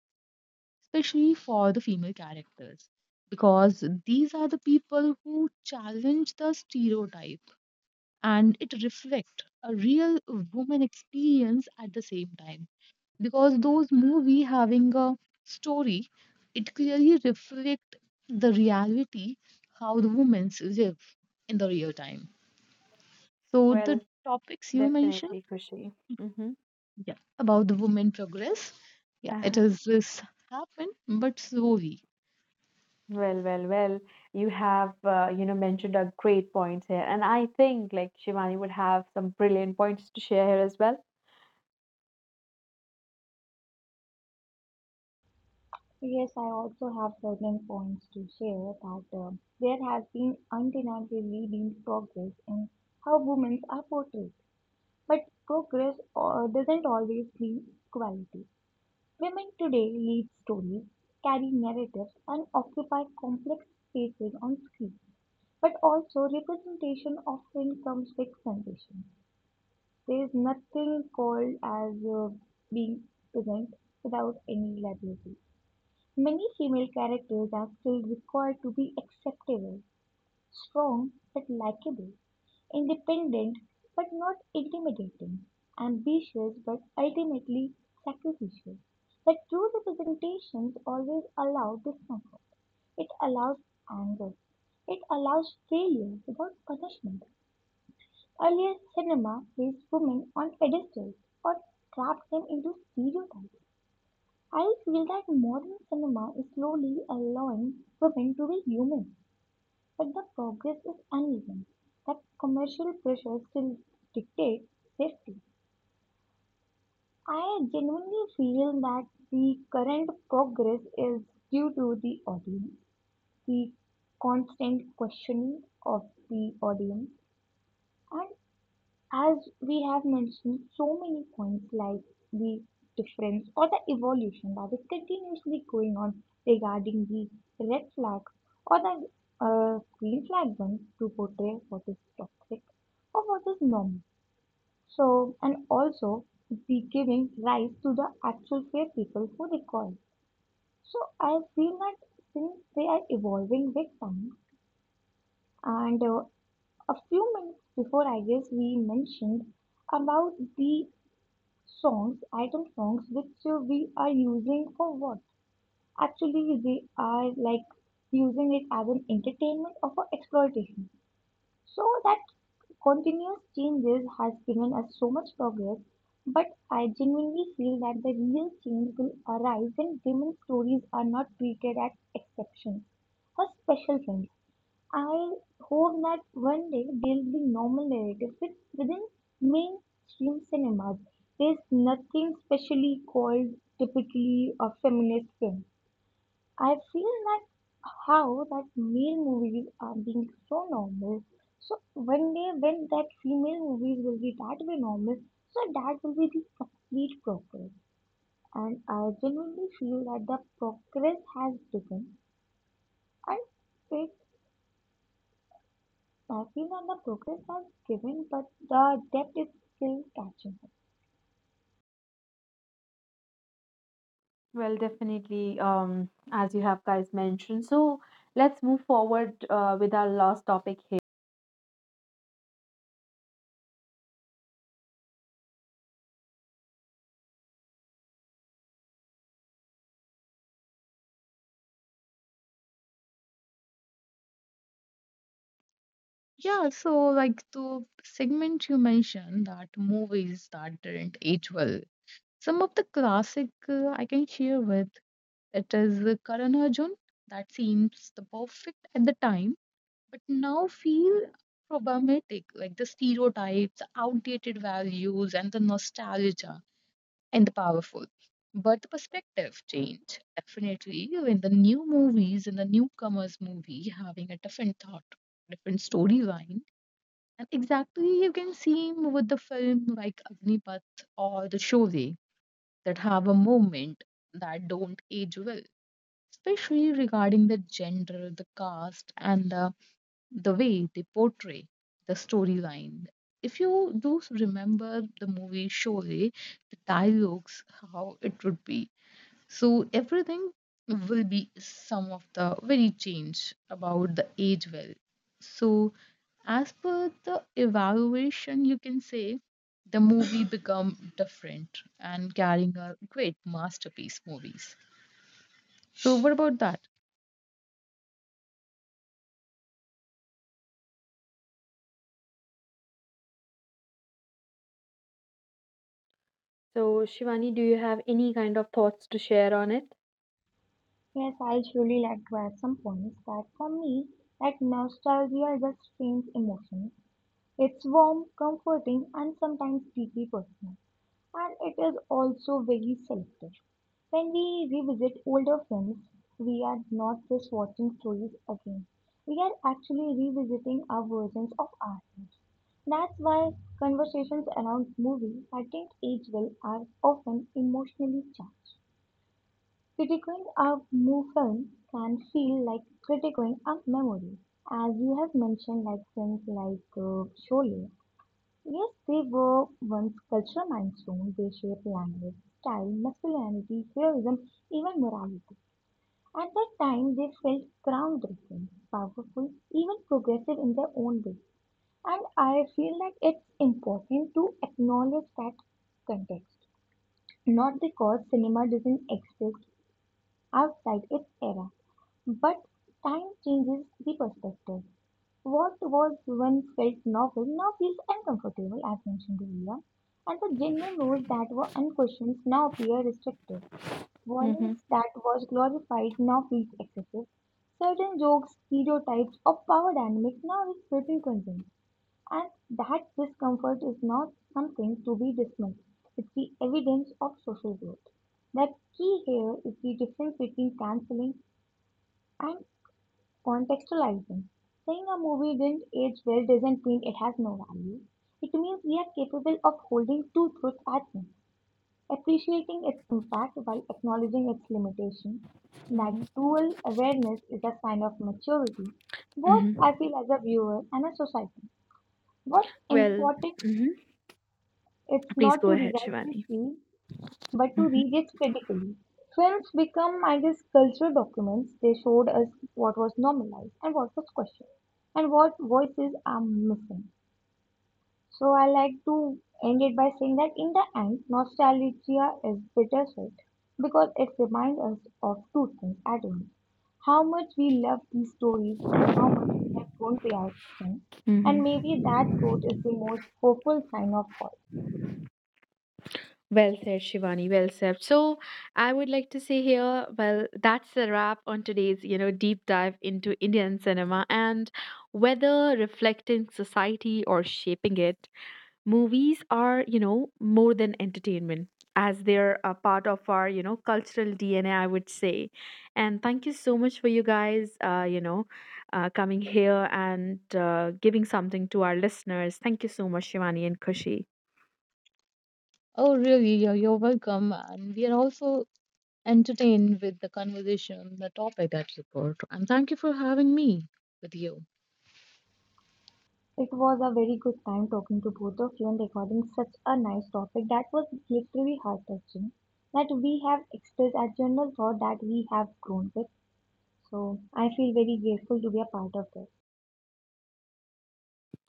Speaker 3: especially for the female characters, because these are the people who challenge the stereotype and it reflect a real woman experience at the same time, because those movie having a story, it clearly reflect the reality how the women live in the real time. So
Speaker 1: Well,
Speaker 3: the topics you mentioned,
Speaker 1: definitely, Kushi. Mm-hmm.
Speaker 3: yeah, about the women progress, yeah, it
Speaker 1: Uh-huh.
Speaker 3: is this happen, but slowly,
Speaker 1: Well, you have, you know, mentioned a great points here, and I think like Shivani would have some brilliant points to share here as well.
Speaker 2: Yes, I also have certain points to share that there has been undeniably been progress in how women are portrayed. But progress doesn't always mean equality. Women today lead stories, carry narratives, and occupy complex spaces on screen. But also representation often comes with conditions. There is nothing called as being present without any liability. Many female characters are still required to be acceptable, strong but likable, independent but not intimidating, ambitious but ultimately sacrificial. The true representations always allow discomfort. It allows anger. It allows failure without punishment. Earlier cinema placed women on pedestals or trapped them into stereotypes. I feel that modern cinema is slowly allowing women to be human, but the progress is uneven. That commercial pressure still dictates safety. I genuinely feel that the current progress is due to the audience, the constant questioning of the audience, and as we have mentioned so many points like the difference or the evolution that is continuously going on regarding the red flags or the green flag ones to portray what is toxic or what is normal. So, and also the giving rise to the actual fair people who recall. So, I feel that since they are evolving with time, and a few minutes before, I guess we mentioned about the songs, item songs, which we are using for what? Actually, we are like using it as an entertainment or for exploitation. So that continuous changes has given us so much progress, but I genuinely feel that the real change will arise when women's stories are not treated as exceptions or special friends. I hope that one day there'll be normal narrative fit within mainstream cinemas. There's nothing specially called typically a feminist film. I feel that how that male movies are being so normal. So one day when that female movies will be that way normal, so that will be the complete progress. And I genuinely feel that the progress has begun and it I feel that the progress was given, but the depth is still catching up.
Speaker 1: Well, definitely, as you have guys mentioned. So let's move forward with our last topic here.
Speaker 3: yeah. So like the segment you mentioned that movies that didn't age well, some of the classic, I can share with, it is Karan Arjun, that seems the perfect at the time but now feel problematic, like the stereotypes, outdated values, and the nostalgia and the powerful. But the perspective changed definitely when the new movies and the newcomers movie having a different thought, different storyline. And exactly you can see with the film like Agnipath or the Sholay that have a moment that don't age well, especially regarding the gender, the caste, and the way they portray the storyline. If you do remember the movie Sholay, the dialogues, how it would be. So everything will be some of the very change about the age well. So as per the evaluation, you can say the movie become different and carrying a great masterpiece movies. So what about that?
Speaker 1: So, Shivani, do you have any kind of thoughts to share on it?
Speaker 2: Yes, I surely like to add some points that for me, like nostalgia is a strange emotion. It's warm, comforting, and sometimes deeply personal, and it is also very selective. When we revisit older films, we are not just watching stories again. We are actually revisiting our versions of ourselves. That's why conversations around movies that didn't age well are often emotionally charged. Critiquing a new film can feel like critiquing a memory. As you have mentioned, like films like Sholay. Yes, they were once cultural milestones. They shaped language, style, masculinity, heroism, even morality. At that time, they felt groundbreaking, powerful, even progressive in their own way. And I feel like it's important to acknowledge that context, not because cinema doesn't exist outside its era, but time changes the perspective. What was once felt novel now feels uncomfortable, as mentioned earlier, and the general rules that were unquestioned now appear restrictive.
Speaker 1: Mm-hmm.
Speaker 2: Violence that was glorified now feels excessive. Certain jokes, stereotypes, or power dynamics now is little concern, and that discomfort is not something to be dismissed. It's the evidence of social growth. The key here is the difference between canceling and contextualizing. Saying a movie didn't age well doesn't mean it has no value. It means we are capable of holding two truths at once, appreciating its impact while acknowledging its limitations. That
Speaker 1: Mm-hmm.
Speaker 2: dual awareness is a sign of maturity, both
Speaker 1: Hmm.
Speaker 2: I feel as a viewer and a society. What's
Speaker 1: Well,
Speaker 2: important
Speaker 1: hmm
Speaker 2: is
Speaker 1: please
Speaker 2: not
Speaker 1: go
Speaker 2: to
Speaker 1: ahead,
Speaker 2: rewrite
Speaker 1: Shivani.
Speaker 2: history, but to
Speaker 1: Hmm.
Speaker 2: read it critically. Films become, I guess, cultural documents. They showed us what was normalized and what was questioned and what voices are missing. So I like to end it by saying that in the end, nostalgia is bittersweet because it reminds us of two things at once. How much we love these stories and how much we have grown to our them. And maybe
Speaker 1: Mm-hmm.
Speaker 2: that growth is the most hopeful sign of all.
Speaker 1: Well said, Shivani. Well said. So, I would like to say here, well, that's the wrap on today's, you know, deep dive into Indian cinema, and whether reflecting society or shaping it, movies are you know more than entertainment as they're a part of our you know cultural DNA, I would say. And thank you so much for you guys coming here and giving something to our listeners. Thank you so much, Shivani and Kushi.
Speaker 3: Oh, really? You're welcome. And we are also entertained with the conversation, the topic at report. And thank you for having me with you.
Speaker 2: It was a very good time talking to both of you and recording such a nice topic that was literally heart touching. That we have expressed a general thought that we have grown with. So I feel very grateful to be a part of this.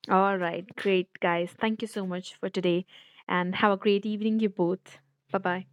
Speaker 1: All right, great guys, thank you so much for today and have a great evening, you both. Bye bye.